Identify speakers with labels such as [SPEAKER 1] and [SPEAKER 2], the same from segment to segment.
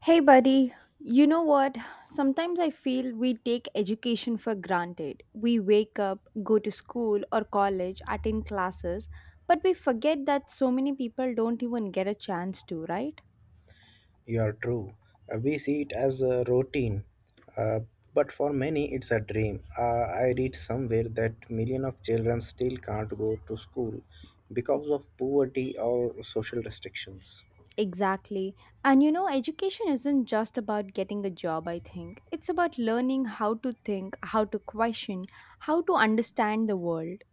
[SPEAKER 1] Hey, buddy, you know what? Sometimes I feel we take education for granted. We wake up, go to school or college, attend classes, but we forget that so many people don't even get a chance to, right?
[SPEAKER 2] You're true. We see it as a routine, uh, but for many it's a dream. I read somewhere that millions of children still can't go to school because of poverty or social restrictions.
[SPEAKER 1] Exactly. And you know, education isn't just about getting a job, I think. It's about learning how to think, how to question, how to understand the world.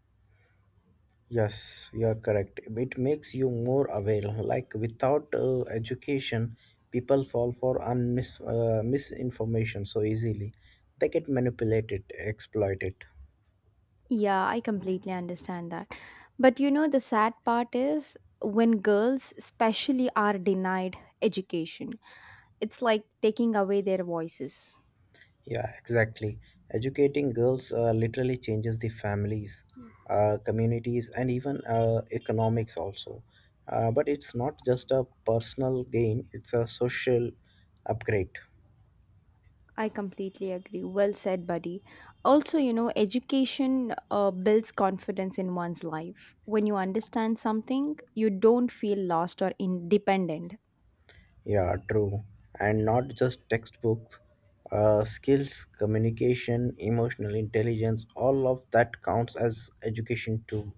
[SPEAKER 2] Yes, you're correct. It makes you more aware. Like without education, people fall for misinformation so easily. They get manipulated, exploited.
[SPEAKER 1] Yeah, I completely understand that. But you know, the sad part is when girls, especially, are denied education, it's like taking away their voices.
[SPEAKER 2] Yeah, exactly. Educating girls literally changes the families, communities, and even economics also. But it's not just a personal gain, it's a social upgrade.
[SPEAKER 1] I completely agree. Well said, buddy. Also, you know, education builds confidence in one's life. When you understand something, you don't feel lost or independent.
[SPEAKER 2] Yeah, true. And not just textbooks, skills, communication, emotional intelligence, all of that counts as education too.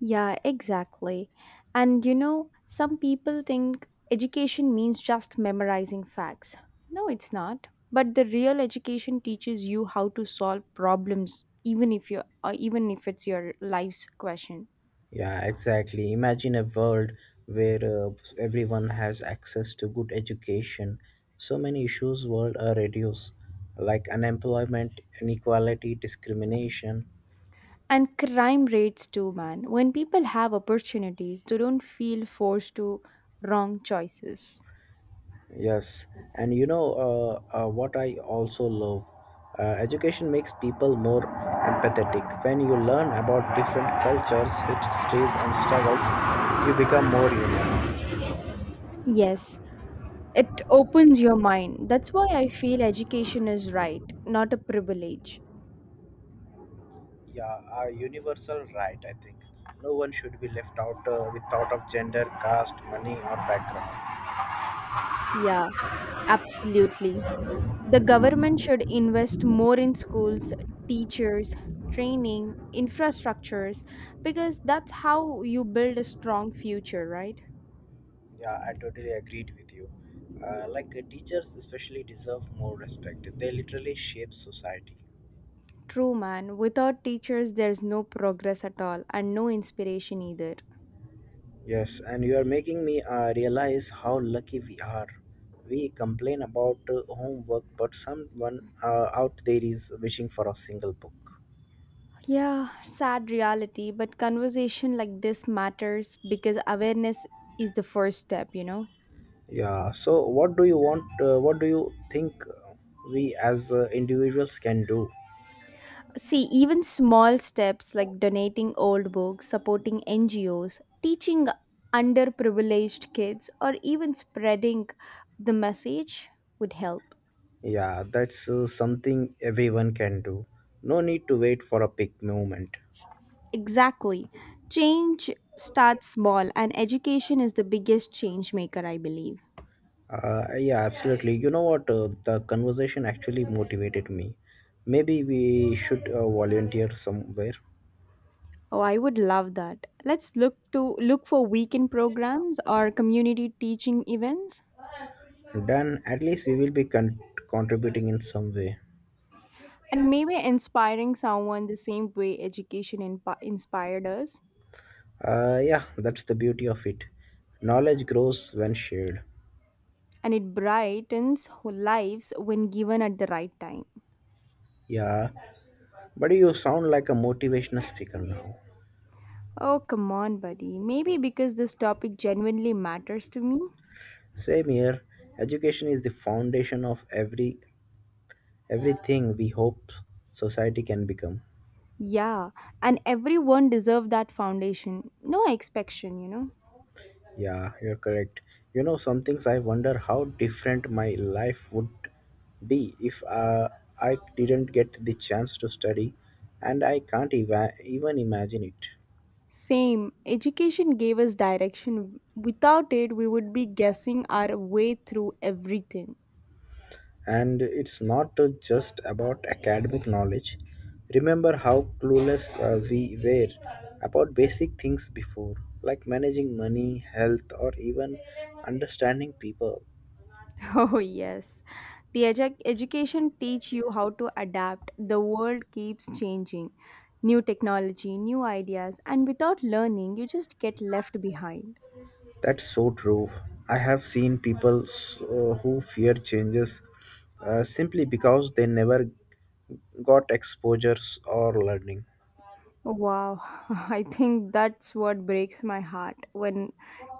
[SPEAKER 1] Yeah, exactly. And you know, some people think education means just memorizing facts. No, it's not. But the real education teaches you how to solve problems even if it's your life's question.
[SPEAKER 2] Yeah, exactly. Imagine a world where everyone has access to good education. So many issues world are reduced, like unemployment, inequality, discrimination.
[SPEAKER 1] And crime rates too, man. When people have opportunities, they don't feel forced to wrong choices.
[SPEAKER 2] Yes, and what I also love. Education makes people more empathetic. When you learn about different cultures, histories, and struggles, you become more human.
[SPEAKER 1] Yes, it opens your mind. That's why I feel education is right, not a privilege.
[SPEAKER 2] Yeah, a universal right, I think. No one should be left out, without of gender, caste, money, or background.
[SPEAKER 1] Yeah, absolutely. The government should invest more in schools, teachers, training, infrastructures, because that's how you build a strong future, right?
[SPEAKER 2] Yeah, I totally agreed with you. Like teachers especially deserve more respect. They literally shape society.
[SPEAKER 1] True, man. Without teachers, there's no progress at all and no inspiration either.
[SPEAKER 2] Yes, and you are making me realize how lucky we are. We complain about homework, but someone out there is wishing for a single book.
[SPEAKER 1] Yeah, sad reality, but conversation like this matters because awareness is the first step, you know?
[SPEAKER 2] Yeah, so what do you want? What do you think we as individuals can do?
[SPEAKER 1] See, even small steps like donating old books, supporting NGOs, teaching underprivileged kids, or even spreading the message would help.
[SPEAKER 2] Yeah, that's something everyone can do. No need to wait for a big moment.
[SPEAKER 1] Exactly. Change starts small, and education is the biggest change maker, I believe.
[SPEAKER 2] Yeah, absolutely. You know what? The conversation actually motivated me. Maybe we should volunteer somewhere.
[SPEAKER 1] Oh, I would love that. Let's look for weekend programs or community teaching events
[SPEAKER 2] Then at least we will be contributing in some way.
[SPEAKER 1] and maybe inspiring someone the same way education inspired us
[SPEAKER 2] Yeah, that's the beauty of it. Knowledge grows when shared.
[SPEAKER 1] and it brightens lives when given at the right time.
[SPEAKER 2] Yeah, but you sound like a motivational speaker now.
[SPEAKER 1] Oh, come on, buddy. Maybe because this topic genuinely matters to me.
[SPEAKER 2] Same here. Education is the foundation of everything we hope society can become.
[SPEAKER 1] Yeah, and everyone deserves that foundation. No expectation, you know.
[SPEAKER 2] Yeah, you're correct. You know, some things I wonder how different my life would be if I didn't get the chance to study, and I can't even imagine it.
[SPEAKER 1] Same. Education gave us direction. Without it, we would be guessing our way through everything.
[SPEAKER 2] And it's not just about academic knowledge. Remember how clueless we were about basic things before, like managing money, health, or even understanding people.
[SPEAKER 1] Oh, yes. The education teach you how to adapt. The world keeps changing. New technology, new ideas, and without learning, you just get left behind.
[SPEAKER 2] That's so true. I have seen people who fear changes simply because they never got exposures or learning.
[SPEAKER 1] Wow, I think that's what breaks my heart when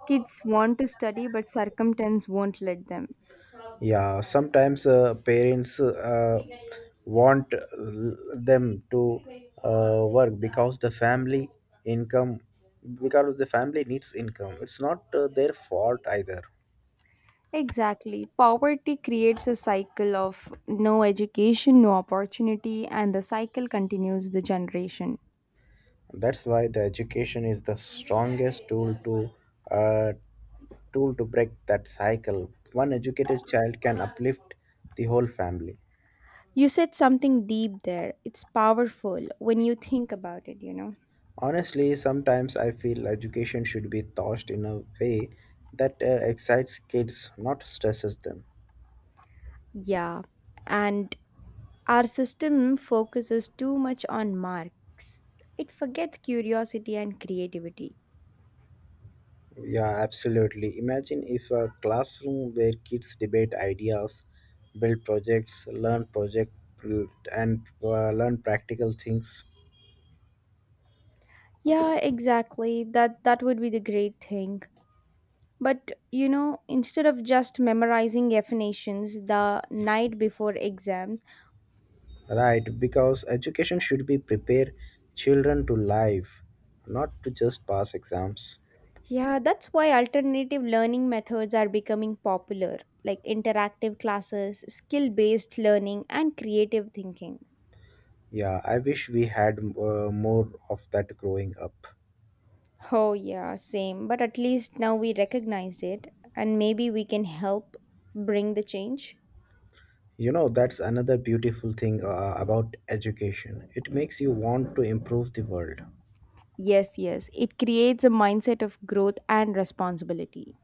[SPEAKER 1] kids want to study but circumstance won't let them.
[SPEAKER 2] Yeah, sometimes parents want them to work because the family income because the family needs income. It's not their fault either.
[SPEAKER 1] Exactly. Poverty creates a cycle of no education, no opportunity, and the cycle continues the generation.
[SPEAKER 2] That's why the education is the strongest tool to uh, break that cycle. One educated child can uplift the whole family.
[SPEAKER 1] You said something deep there. It's powerful when you think about it, you know?
[SPEAKER 2] Honestly, sometimes I feel education should be taught in a way that excites kids, not stresses them.
[SPEAKER 1] Yeah. And our system focuses too much on marks. It forgets curiosity and creativity.
[SPEAKER 2] Yeah, absolutely. Imagine if a classroom where kids debate ideas, build projects, learn project and learn practical things.
[SPEAKER 1] Yeah, exactly. That would be the great thing. But you know, instead of just memorizing definitions the night before exams,
[SPEAKER 2] Right, because education should be prepare children to life, not to just pass exams.
[SPEAKER 1] yeah, that's why alternative learning methods are becoming popular, like interactive classes, skill based learning, and creative thinking.
[SPEAKER 2] Yeah, I wish we had more of that growing up.
[SPEAKER 1] Oh, yeah, same. But at least now we recognized it, and maybe we can help bring the change.
[SPEAKER 2] You know, that's another beautiful thing about education. It makes you want to improve the world
[SPEAKER 1] Yes, yes. It creates a mindset of growth and responsibility.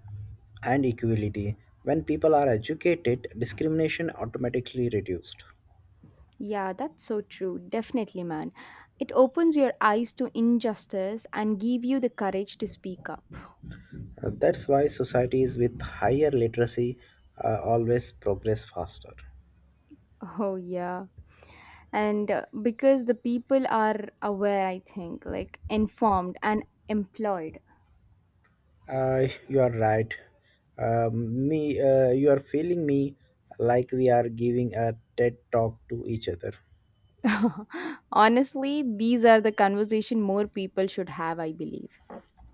[SPEAKER 2] and equality. When people are educated, discrimination automatically reduced.
[SPEAKER 1] Yeah, that's so true. Definitely, man. It opens your eyes to injustice and give you the courage to speak up.
[SPEAKER 2] That's why societies with higher literacy always progress faster.
[SPEAKER 1] Oh, yeah. And because the people are aware, I think, like informed and employed.
[SPEAKER 2] You are right. You are feeling me like we are giving a TED talk to each other.
[SPEAKER 1] Honestly, these are the conversation more people should have, I believe.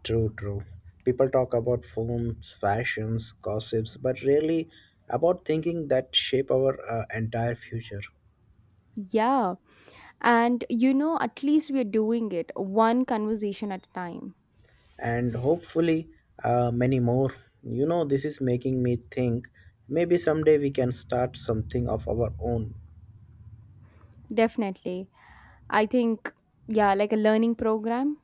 [SPEAKER 2] True, true. People talk about films, fashions, gossips, but rarely about thinking that shape our entire future.
[SPEAKER 1] Yeah, and you know, at least we're doing it one conversation at a time.
[SPEAKER 2] And hopefully, many more. You know, this is making me think maybe someday we can start something of our own.
[SPEAKER 1] Definitely. I think, yeah, like a learning program.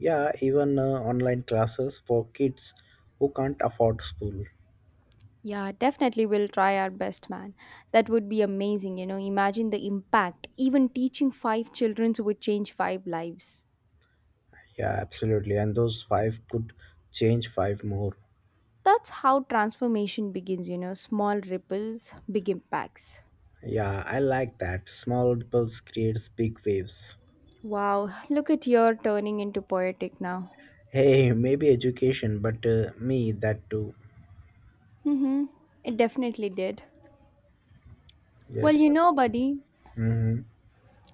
[SPEAKER 2] Yeah, even online classes for kids who can't afford school.
[SPEAKER 1] Yeah, definitely, we'll try our best, man. That would be amazing. You know, imagine the impact. Even teaching five children would change five lives.
[SPEAKER 2] Yeah, absolutely. And those five could change five more.
[SPEAKER 1] That's how transformation begins, you know, small ripples, big impacts.
[SPEAKER 2] Yeah, I like that. Small ripples creates big waves.
[SPEAKER 1] Wow, look at your turning into poetic now.
[SPEAKER 2] Hey, maybe education, but me, that too.
[SPEAKER 1] Mm-hmm. It definitely did. Well,
[SPEAKER 2] Yes.
[SPEAKER 1] you know, buddy,
[SPEAKER 2] Mm-hmm.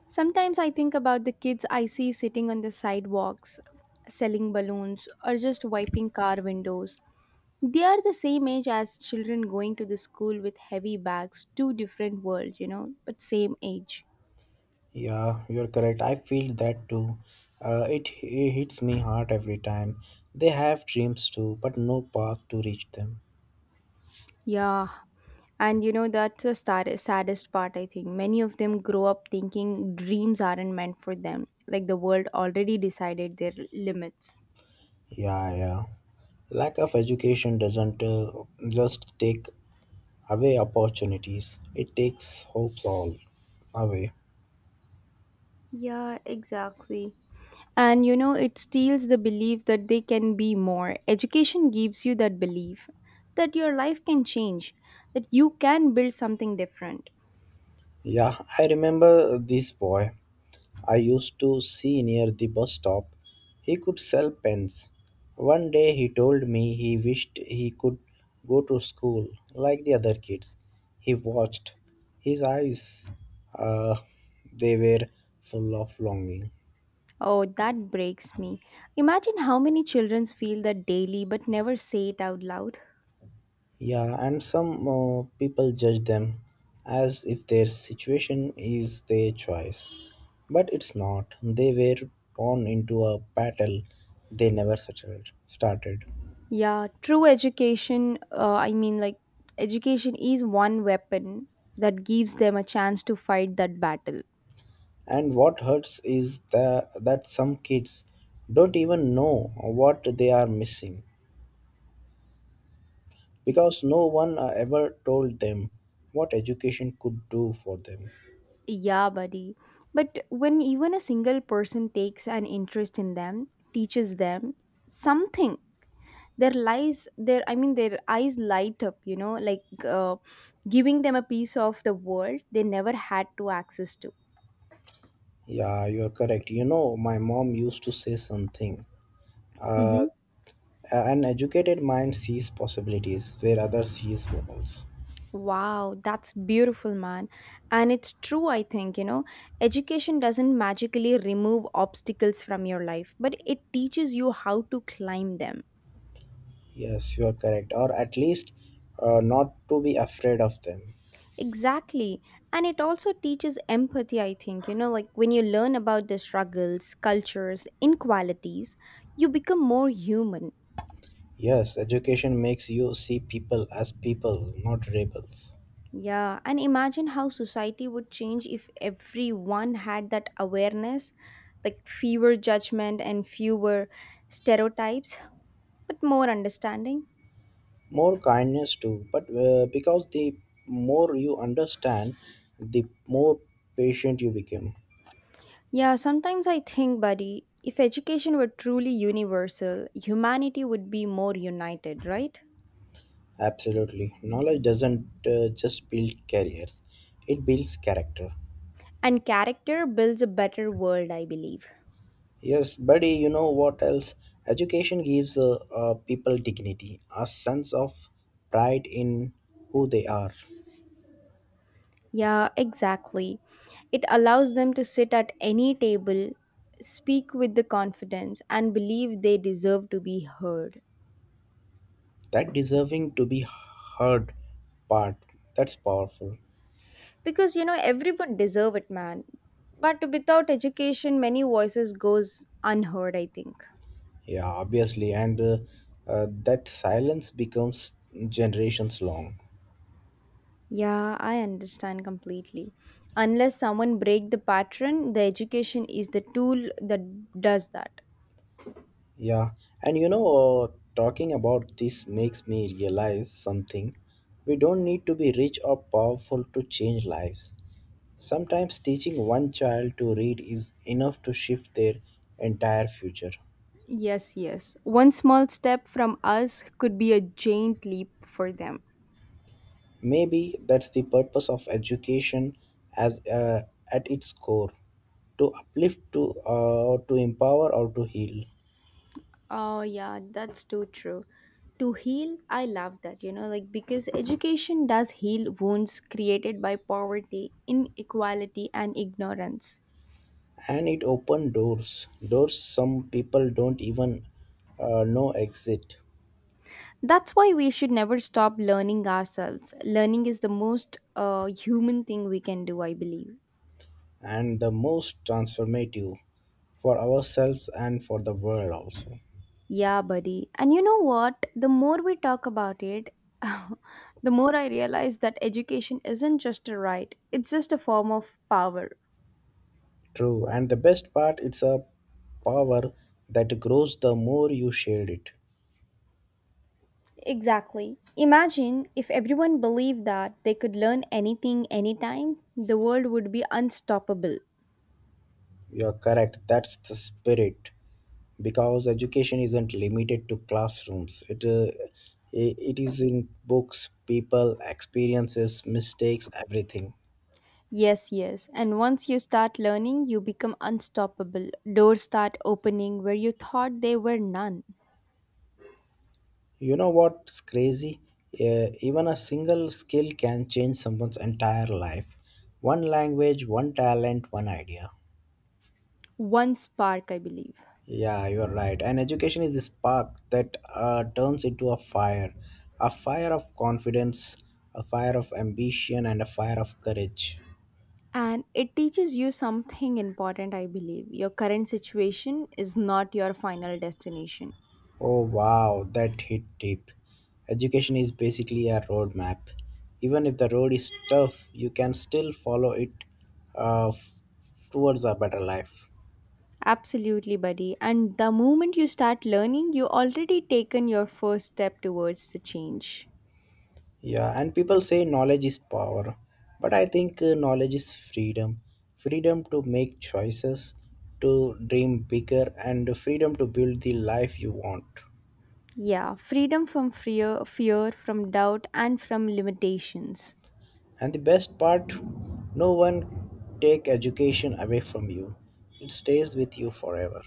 [SPEAKER 1] sometimes I think about the kids I see sitting on the sidewalks, selling balloons, or just wiping car windows. They are the same age as children going to the school with heavy bags, two different worlds, you know, but same age.
[SPEAKER 2] Yeah, you're correct. I feel that too. It hits me hard every time. They have dreams too, but no path to reach them.
[SPEAKER 1] Yeah, and you know, that's the saddest part. I think many of them grow up thinking dreams aren't meant for them, like the world already decided their limits.
[SPEAKER 2] Yeah, yeah. Lack of education doesn't just take away opportunities, it takes hopes all away.
[SPEAKER 1] Yeah, exactly. And you know, it steals the belief that they can be more. Education gives you that belief that your life can change, that you can build something different.
[SPEAKER 2] Yeah, I remember this boy. I used to see near the bus stop. He could sell pens. One day he told me he wished he could go to school like the other kids. He watched. His eyes, uh, they were full of longing.
[SPEAKER 1] Oh, that breaks me. Imagine how many children feel that daily but never say it out loud.
[SPEAKER 2] Yeah, and some people judge them as if their situation is their choice. But it's not. They were born into a battle they never started.
[SPEAKER 1] Yeah, true education, education is one weapon that gives them a chance to fight that battle.
[SPEAKER 2] And what hurts is that some kids don't even know what they are missing because no one ever told them what education could do for them.
[SPEAKER 1] Yeah, buddy. But when even a single person takes an interest in them, teaches them something, their lies, their, I mean, their eyes light up, you know, like giving them a piece of the world they never had to access to.
[SPEAKER 2] Yeah, you're correct. You know, my mom used to say something. Uh,
[SPEAKER 1] Mm-hmm.
[SPEAKER 2] an educated mind sees possibilities where others sees walls.
[SPEAKER 1] Wow, that's beautiful, man. And it's true, I think, you know, education doesn't magically remove obstacles from your life, but it teaches you how to climb them.
[SPEAKER 2] Yes, you are correct. Or at least not to be afraid of them.
[SPEAKER 1] Exactly. And it also teaches empathy, I think, you know, like when you learn about the struggles, cultures, inequalities, you become more human.
[SPEAKER 2] Yes, education makes you see people as people, not rebels.
[SPEAKER 1] Yeah. And imagine how society would change if everyone had that awareness, like fewer judgment and fewer stereotypes but more understanding.
[SPEAKER 2] More kindness too, but because the more you understand, the more patient you become.
[SPEAKER 1] Yeah, sometimes I think, buddy, if education were truly universal, humanity would be more united, right?
[SPEAKER 2] Absolutely, knowledge doesn't just build careers, it builds character.
[SPEAKER 1] And character builds a better world, I believe.
[SPEAKER 2] Yes, buddy. You know what else? Education gives people dignity, a sense of pride in who they are.
[SPEAKER 1] Yeah, exactly. It allows them to sit at any table, speak with the confidence, and believe they deserve to be heard.
[SPEAKER 2] That deserving to be heard part, that's powerful.
[SPEAKER 1] Because you know, everyone deserve it, man. But without education, many voices goes unheard, I think.
[SPEAKER 2] Yeah, obviously, and that silence becomes generations long.
[SPEAKER 1] Yeah, I understand completely. Unless someone break the pattern, the education is the tool that does that.
[SPEAKER 2] Yeah, and you know, uh, talking about this makes me realize something. We don't need to be rich or powerful to change lives. Sometimes teaching one child to read is enough to shift their entire future.
[SPEAKER 1] Yes, yes. One small step from us could be a giant leap for them.
[SPEAKER 2] Maybe that's the purpose of education, as at its core, to uplift, to empower, or to heal.
[SPEAKER 1] Oh, yeah, that's too true. To heal, I love that, you know, like because education does heal wounds created by poverty, inequality, and ignorance.
[SPEAKER 2] And it opened doors, doors some people don't even know exit.
[SPEAKER 1] That's why we should never stop learning ourselves. Learning is the most human thing we can do, I believe.
[SPEAKER 2] And the most transformative, for ourselves and for the world also.
[SPEAKER 1] Yeah, buddy. And you know what? The more we talk about it, the more I realize that education isn't just a right, it's just a form of power.
[SPEAKER 2] True, and the best part, it's a power that grows the more you share it.
[SPEAKER 1] Exactly. Imagine if everyone believed that they could learn anything anytime, the world would be unstoppable.
[SPEAKER 2] You're correct, that's the spirit. Because education isn't limited to classrooms, it it is in books, people, experiences, mistakes, everything.
[SPEAKER 1] Yes, yes. And once you start learning, you become unstoppable. Doors start opening where you thought they were none.
[SPEAKER 2] You know what's crazy? Even a single skill can change someone's entire life. One language, one talent, one idea.
[SPEAKER 1] One spark, I believe.
[SPEAKER 2] Yeah, you're right. And education is the spark that turns into a fire, a fire of confidence, a fire of ambition, and a fire of courage.
[SPEAKER 1] And it teaches you something important, I believe. Your current situation is not your final destination.
[SPEAKER 2] Oh, wow, that hit deep. Education is basically a roadmap. Even if the road is tough, you can still follow it uh, f- towards a better life.
[SPEAKER 1] Absolutely, buddy. And the moment you start learning, you already taken your first step towards the change.
[SPEAKER 2] Yeah, and people say knowledge is power, but I think knowledge is freedom. Freedom to make choices, to dream bigger, and freedom to build the life you want.
[SPEAKER 1] Yeah, freedom from fear, fear from doubt, and from limitations.
[SPEAKER 2] And the best part, no one take education away from you. It stays with you forever.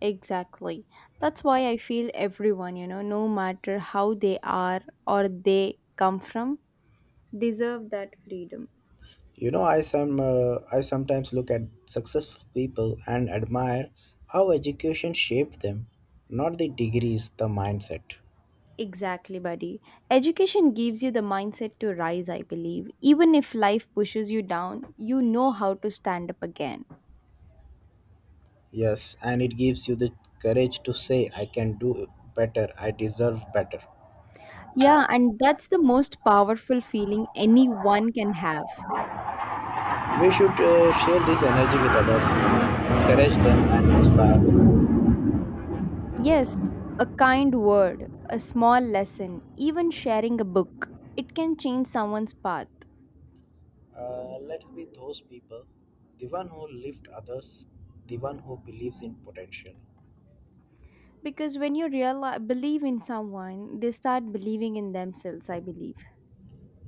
[SPEAKER 1] Exactly. That's why I feel everyone, you know, no matter how they are or they come from, deserve that freedom.
[SPEAKER 2] You know, I sometimes look at successful people and admire how education shaped them, not the degrees, the mindset.
[SPEAKER 1] Exactly, buddy. Education gives you the mindset to rise, I believe. Even if life pushes you down, you know how to stand up again.
[SPEAKER 2] Yes, and it gives you the courage to say, I can do better, I deserve better.
[SPEAKER 1] Yeah, and that's the most powerful feeling anyone can have.
[SPEAKER 2] We should share this energy with others, encourage them, and inspire them.
[SPEAKER 1] Yes, a kind word, a small lesson, even sharing a book, it can change someone's path.
[SPEAKER 2] Let's be those people, the one who lift others, the one who believes in potential.
[SPEAKER 1] Because when you realize, believe in someone, they start believing in themselves, I believe.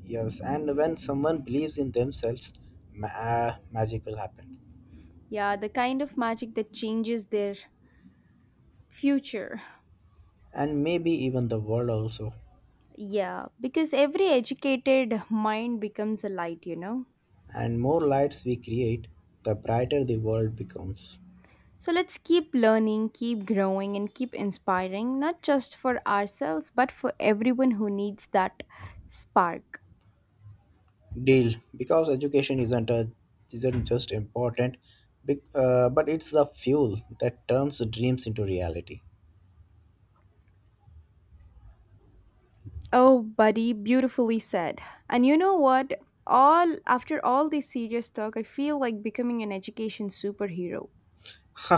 [SPEAKER 2] Yes, and when someone believes in themselves, magic will happen.
[SPEAKER 1] Yeah, the kind of magic that changes their future.
[SPEAKER 2] And maybe even the world also.
[SPEAKER 1] Yeah, because every educated mind becomes a light, you know.
[SPEAKER 2] And more lights we create, the brighter the world becomes.
[SPEAKER 1] So let's keep learning, keep growing, and keep inspiring, not just for ourselves, but for everyone who needs that spark.
[SPEAKER 2] Deal, because education isn't a, isn't just important, but it's the fuel that turns dreams into reality.
[SPEAKER 1] Oh, buddy, beautifully said. And you know what? All after all this serious talk, I feel like becoming an education superhero.
[SPEAKER 2] Ha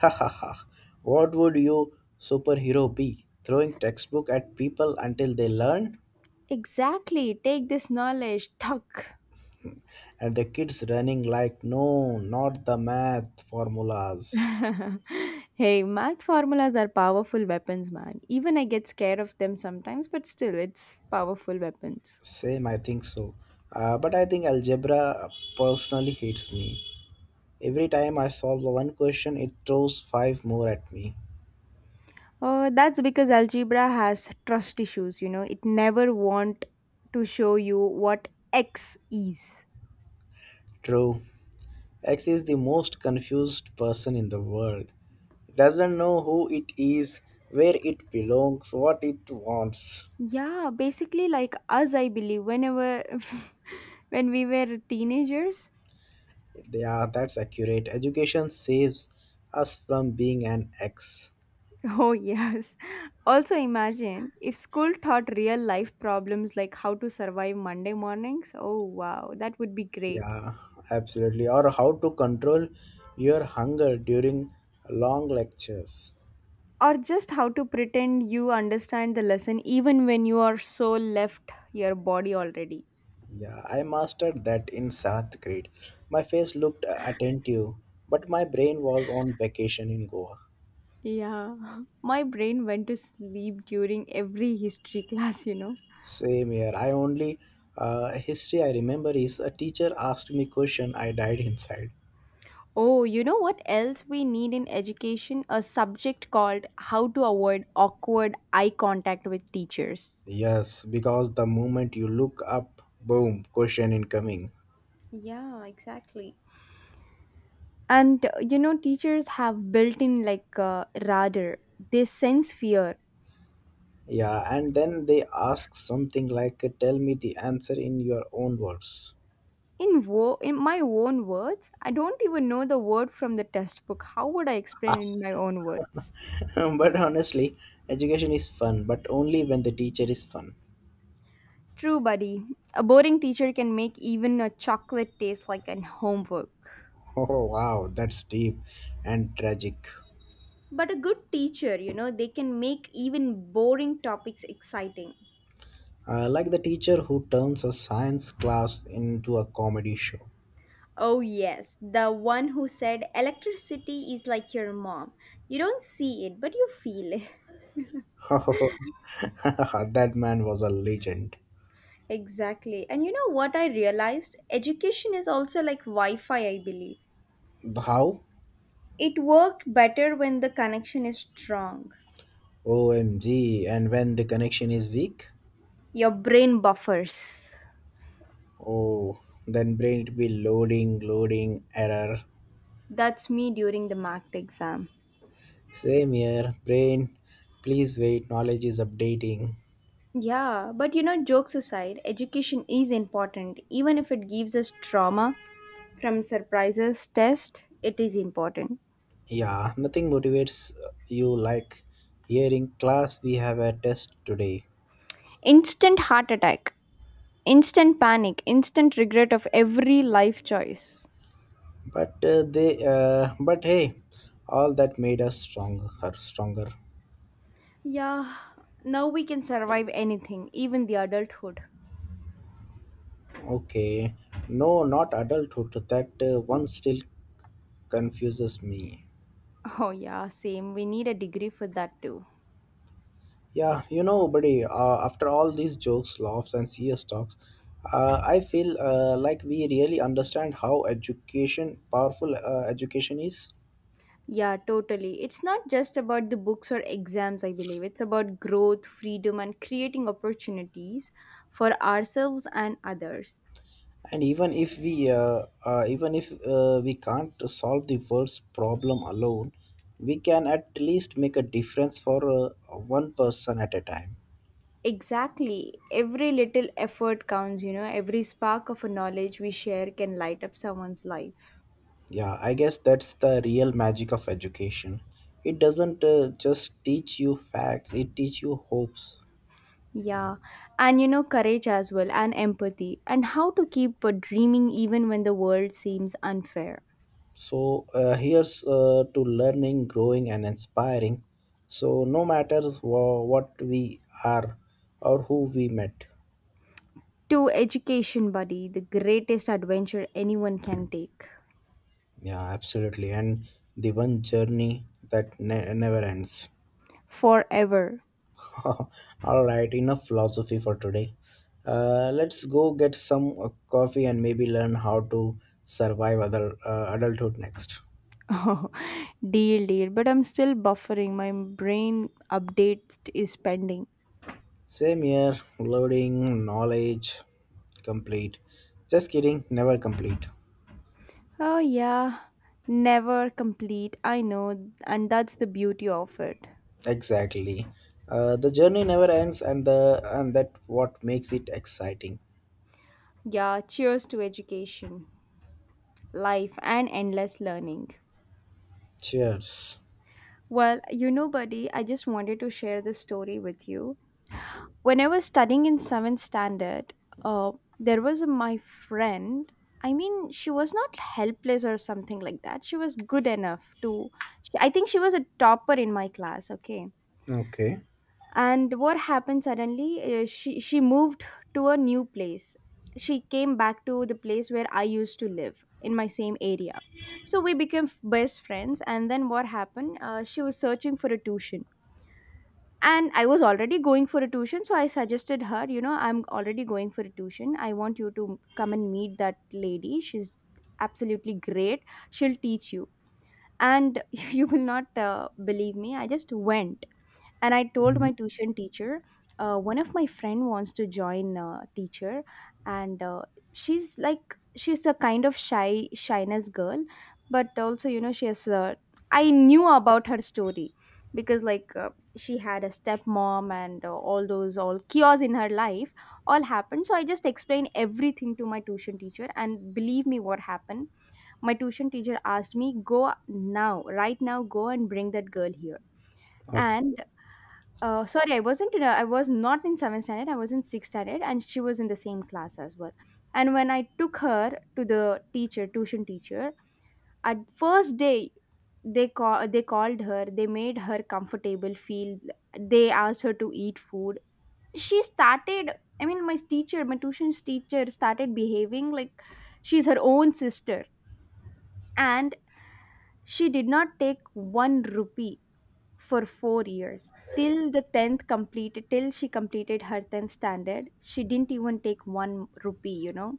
[SPEAKER 2] ha ha ha! What would you superhero be? Throwing textbook at people until they learn,
[SPEAKER 1] Exactly. Take this knowledge. Tuck.
[SPEAKER 2] and the kids running like, no, not the math formulas.
[SPEAKER 1] Hey, math formulas are powerful weapons, man. Even I get scared of them sometimes, but still, it's powerful weapons.
[SPEAKER 2] Same, I think so. But I think algebra personally hates me. Every time I solve one question, it throws five more at me.
[SPEAKER 1] Oh, that's because algebra has trust issues, you know. It never want to show you what x is.
[SPEAKER 2] True. X is the most confused person in the world. Doesn't know who it is, where it belongs, what it wants.
[SPEAKER 1] Yeah, basically like us, I believe, whenever when we were teenagers.
[SPEAKER 2] Yeah, that's accurate. Education saves us from being an X.
[SPEAKER 1] Oh, yes. Also, imagine if school taught real life problems like how to survive Monday mornings. Oh, wow, that would be great.
[SPEAKER 2] Yeah, absolutely. Or how to control your hunger during long lectures.
[SPEAKER 1] Or just how to pretend you understand the lesson even when you are so left your body already.
[SPEAKER 2] Yeah, I mastered that in 7th grade. My face looked attentive, but my brain was on vacation in Goa.
[SPEAKER 1] Yeah. My brain went to sleep during every history class, you know.
[SPEAKER 2] Same here. I only history I remember is a teacher asked me question. I died inside.
[SPEAKER 1] Oh, you know what else we need in education? A subject called How to Avoid Awkward Eye Contact with Teachers.
[SPEAKER 2] Yes, because the moment you look up, boom, question incoming.
[SPEAKER 1] Yeah, exactly. And you know, teachers have built in like radar. They sense fear.
[SPEAKER 2] Yeah, and then they ask something like, "Tell me the answer in your own words."
[SPEAKER 1] In my own words? I don't even know the word from the textbook. How would I explain in my own words?
[SPEAKER 2] but honestly, education is fun, but only when the teacher is fun.
[SPEAKER 1] True, buddy. A boring teacher can make even a chocolate taste like an homework.
[SPEAKER 2] Oh wow, that's deep and tragic.
[SPEAKER 1] But a good teacher, you know, they can make even boring topics exciting.
[SPEAKER 2] Like the teacher who turns a science class into a comedy show.
[SPEAKER 1] Oh yes, the one who said electricity is like your mom. You don't see it but you feel it.
[SPEAKER 2] that man was a legend.
[SPEAKER 1] Exactly. And you know what I realized? Education is also like Wi Fi, I believe.
[SPEAKER 2] How?
[SPEAKER 1] It works better when the connection is strong.
[SPEAKER 2] OMG. And when the connection is weak?
[SPEAKER 1] Your brain buffers.
[SPEAKER 2] Oh, then brain it be loading, loading, error.
[SPEAKER 1] That's me during the math exam.
[SPEAKER 2] Same here. Brain, please wait. Knowledge is updating.
[SPEAKER 1] Yeah, but jokes aside, education is important. Even if it gives us trauma from surprises, test, it is important.
[SPEAKER 2] Yeah, nothing motivates you like hearing class we have a test today.
[SPEAKER 1] Instant heart attack, instant panic, instant regret of every life choice.
[SPEAKER 2] But hey, all that made us stronger.
[SPEAKER 1] Yeah, now we can survive anything, even the adulthood.
[SPEAKER 2] Okay. No, not adulthood. That one still confuses me.
[SPEAKER 1] Oh, yeah, same. We need a degree for that too.
[SPEAKER 2] Yeah, you know, buddy, after all these jokes, laughs, and serious talks, I feel like we really understand how education, powerful education is.
[SPEAKER 1] Yeah, totally. It's not just about the books or exams, I believe. It's about growth, freedom, and creating opportunities for ourselves and others.
[SPEAKER 2] And even if we can't solve the world's problem alone, we can at least make a difference for one person at a time.
[SPEAKER 1] Exactly. Every little effort counts, every spark of a knowledge we share can light up someone's life.
[SPEAKER 2] Yeah, I guess that's the real magic of education. It doesn't just teach you facts, it teaches you hopes.
[SPEAKER 1] Yeah, and you know, courage as well, and empathy, and how to keep dreaming even when the world seems unfair.
[SPEAKER 2] So, here's to learning, growing, and inspiring. So, no matter what we are or who we met.
[SPEAKER 1] To education, buddy, the greatest adventure anyone can take.
[SPEAKER 2] Yeah, absolutely. And the one journey that never ends.
[SPEAKER 1] Forever.
[SPEAKER 2] All right, enough philosophy for today. Let's go get some coffee and maybe learn how to survive other adulthood next.
[SPEAKER 1] Oh, deal, deal. But I'm still buffering. My brain update is pending.
[SPEAKER 2] Same here, loading knowledge complete. Just kidding, never complete.
[SPEAKER 1] Oh, yeah. Never complete. I know. And that's the beauty of it.
[SPEAKER 2] Exactly. The journey never ends, and the and that what makes it exciting.
[SPEAKER 1] Yeah, cheers to education, life, and endless learning.
[SPEAKER 2] Cheers.
[SPEAKER 1] Well, you know, buddy, I just wanted to share this story with you. When I was studying in seventh standard, uh, there was my friend. I mean, she was not helpless or something like that. She was good enough to. I think she was a topper in my class. Okay,
[SPEAKER 2] Okay.
[SPEAKER 1] and what happened suddenly? She moved to a new place. She came back to the place where I used to live in my same area. So we became best friends. And then what happened? She was searching for a tuition, and I was already going for a tuition, so I suggested her, you know, I'm already going for a tuition. I want you to come and meet that lady. She's absolutely great. She'll teach you. And you will not believe me. I just went and I told
[SPEAKER 2] Mhm.
[SPEAKER 1] my tuition teacher one of my friend wants to join teacher. And she's like she's a kind of shyness girl, but also, you know, she has, I knew about her story, because she had a stepmom and all those all chaos in her life all happened. So I just explained everything to my tuition teacher, and believe me what happened. My tuition teacher asked me, go now, right now, go and bring that girl here.
[SPEAKER 2] Okay.
[SPEAKER 1] And sorry, I was not in seventh standard. I was in sixth standard, and she was in the same class as well. And when I took her to the teacher, tuition teacher, at first day, they called her. They made her comfortable. Feel They asked her to eat food. She started. I mean, my tuition teacher started behaving like she's her own sister, and she did not take one rupee for 4 years till the 10th completed, till she completed her 10th standard. She didn't even take one rupee, you know.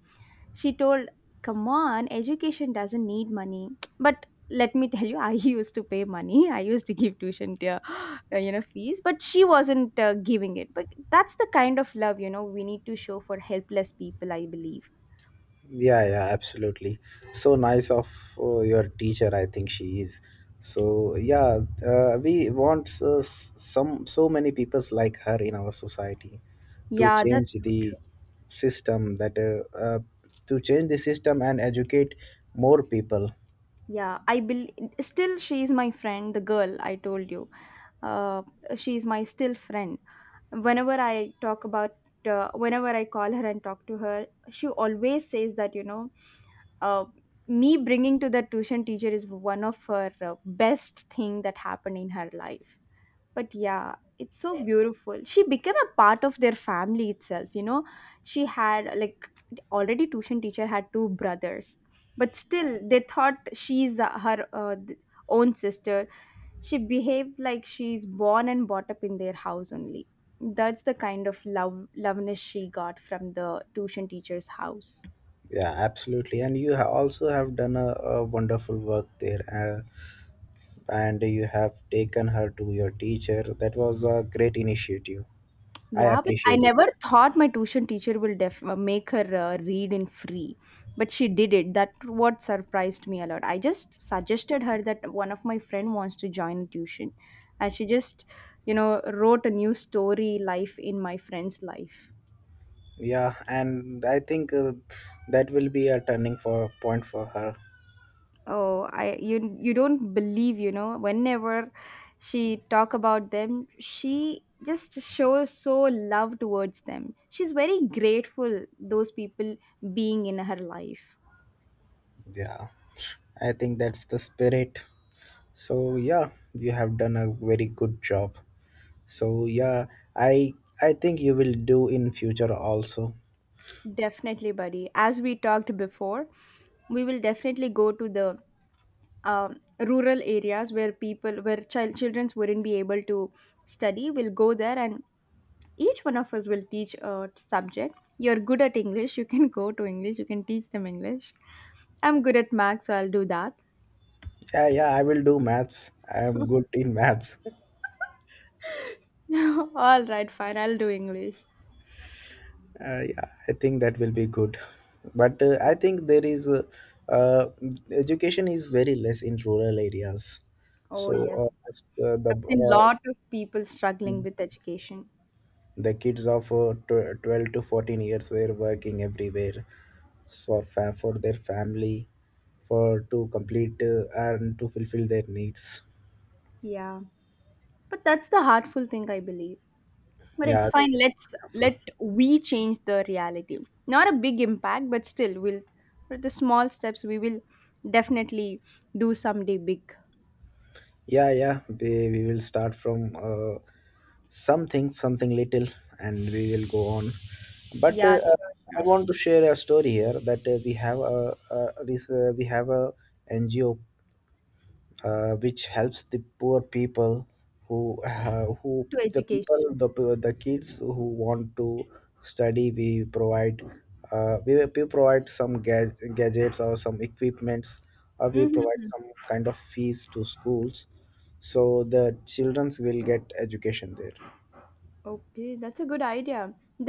[SPEAKER 1] She told, come on, education doesn't need money. But let me tell you, I used to pay money. I used to give tuition to, fees, but she wasn't giving it. But that's the kind of love, you know, we need to show for helpless people, I believe.
[SPEAKER 2] Yeah, yeah, absolutely. So nice of your teacher, I think she is. So yeah, we want s- some so many peoples like her in our society to
[SPEAKER 1] Yeah,
[SPEAKER 2] change
[SPEAKER 1] that's,
[SPEAKER 2] the system and educate more people.
[SPEAKER 1] yeah, I believe still she's my friend, the girl I told you. uh, she's my still friend. Whenever I talk about, whenever I call her and talk to her, she always says that, you know, uh, me bringing to the tuition teacher is one of her best thing that happened in her life. But yeah, it's so beautiful. She became a part of their family itself, you know. She had like, already tuition teacher had two brothers, but still they thought she's own sister. She behaved like she's born and brought up in their house only. That's the kind of love, loveness she got from the tuition teacher's house.
[SPEAKER 2] Yeah, absolutely. And you also have done a wonderful work there, and you have taken her to your teacher. That was a great initiative. I
[SPEAKER 1] Yeah, but I
[SPEAKER 2] appreciate it.
[SPEAKER 1] never thought my tuition teacher will make her read in free, but she did it. That what surprised me a lot. I just suggested her that one of my friend wants to join tuition, and she just, you know, wrote a new story life in my friend's life.
[SPEAKER 2] Yeah, and I think that will be a turning for point for her.
[SPEAKER 1] Oh, I, you don't believe, you know, whenever she talk about them, she just shows so love towards them. She's very grateful those people being in her life.
[SPEAKER 2] Yeah, I think that's the spirit. So yeah, you have done a very good job. So yeah, I I think you will do in future also.
[SPEAKER 1] Definitely, buddy. As we talked before, we will definitely go to the rural areas where people, where childrens wouldn't be able to study. We'll go there, and each one of us will teach a subject. You're good at English, you can go to English. You can teach them English. I'm good at math, so I'll do that.
[SPEAKER 2] Yeah, yeah, I will do maths. I am good in maths.
[SPEAKER 1] All right, fine. I'll do English.
[SPEAKER 2] Yeah, I think that will be good. But
[SPEAKER 1] Yeah.
[SPEAKER 2] I think there is uh, education is very less in rural areas.
[SPEAKER 1] Oh
[SPEAKER 2] So
[SPEAKER 1] yes,
[SPEAKER 2] uh, s- uh, the
[SPEAKER 1] I've seen a lot of people
[SPEAKER 2] uh,
[SPEAKER 1] struggling with education.
[SPEAKER 2] the kids of 12 to 14 years were working everywhere for their family for to complete and to fulfill their needs.
[SPEAKER 1] Yeah, but that's the heartful thing, I believe. But it's
[SPEAKER 2] Yeah,
[SPEAKER 1] fine,
[SPEAKER 2] that's
[SPEAKER 1] let's
[SPEAKER 2] helpful.
[SPEAKER 1] let we change the reality. Not a big impact, but still we'll, with the small steps we will definitely do someday big.
[SPEAKER 2] Yeah, yeah, we will start from something little, and we will go on. But
[SPEAKER 1] Yeah, sure
[SPEAKER 2] I
[SPEAKER 1] sure
[SPEAKER 2] want to share a story here that we have a NGO which helps the poor people who
[SPEAKER 1] To
[SPEAKER 2] the
[SPEAKER 1] education.
[SPEAKER 2] people the p- the kids who want to study. We provide, we provide some gadgets or some equipments, or we provide
[SPEAKER 1] Hmm.
[SPEAKER 2] some kind of fees to schools so the childrens will get education there.
[SPEAKER 1] Okay, that's a good idea.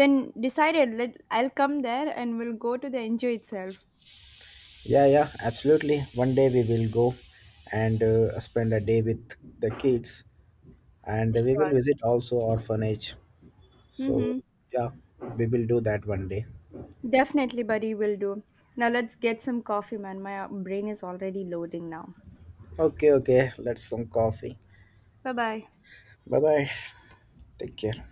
[SPEAKER 1] Then decided, let I'll come there and we'll go to the enjoy itself.
[SPEAKER 2] Yeah, yeah, absolutely. One day we will go and spend a day with the kids, and we
[SPEAKER 1] Sure.
[SPEAKER 2] will visit also orphanage. So
[SPEAKER 1] Mm-hmm.
[SPEAKER 2] yeah, we will do that one day.
[SPEAKER 1] Definitely, buddy, will do. Now let's get some coffee, man. My brain is already loading now.
[SPEAKER 2] Okay, okay. Let's some coffee.
[SPEAKER 1] Bye bye.
[SPEAKER 2] Bye bye. Take care.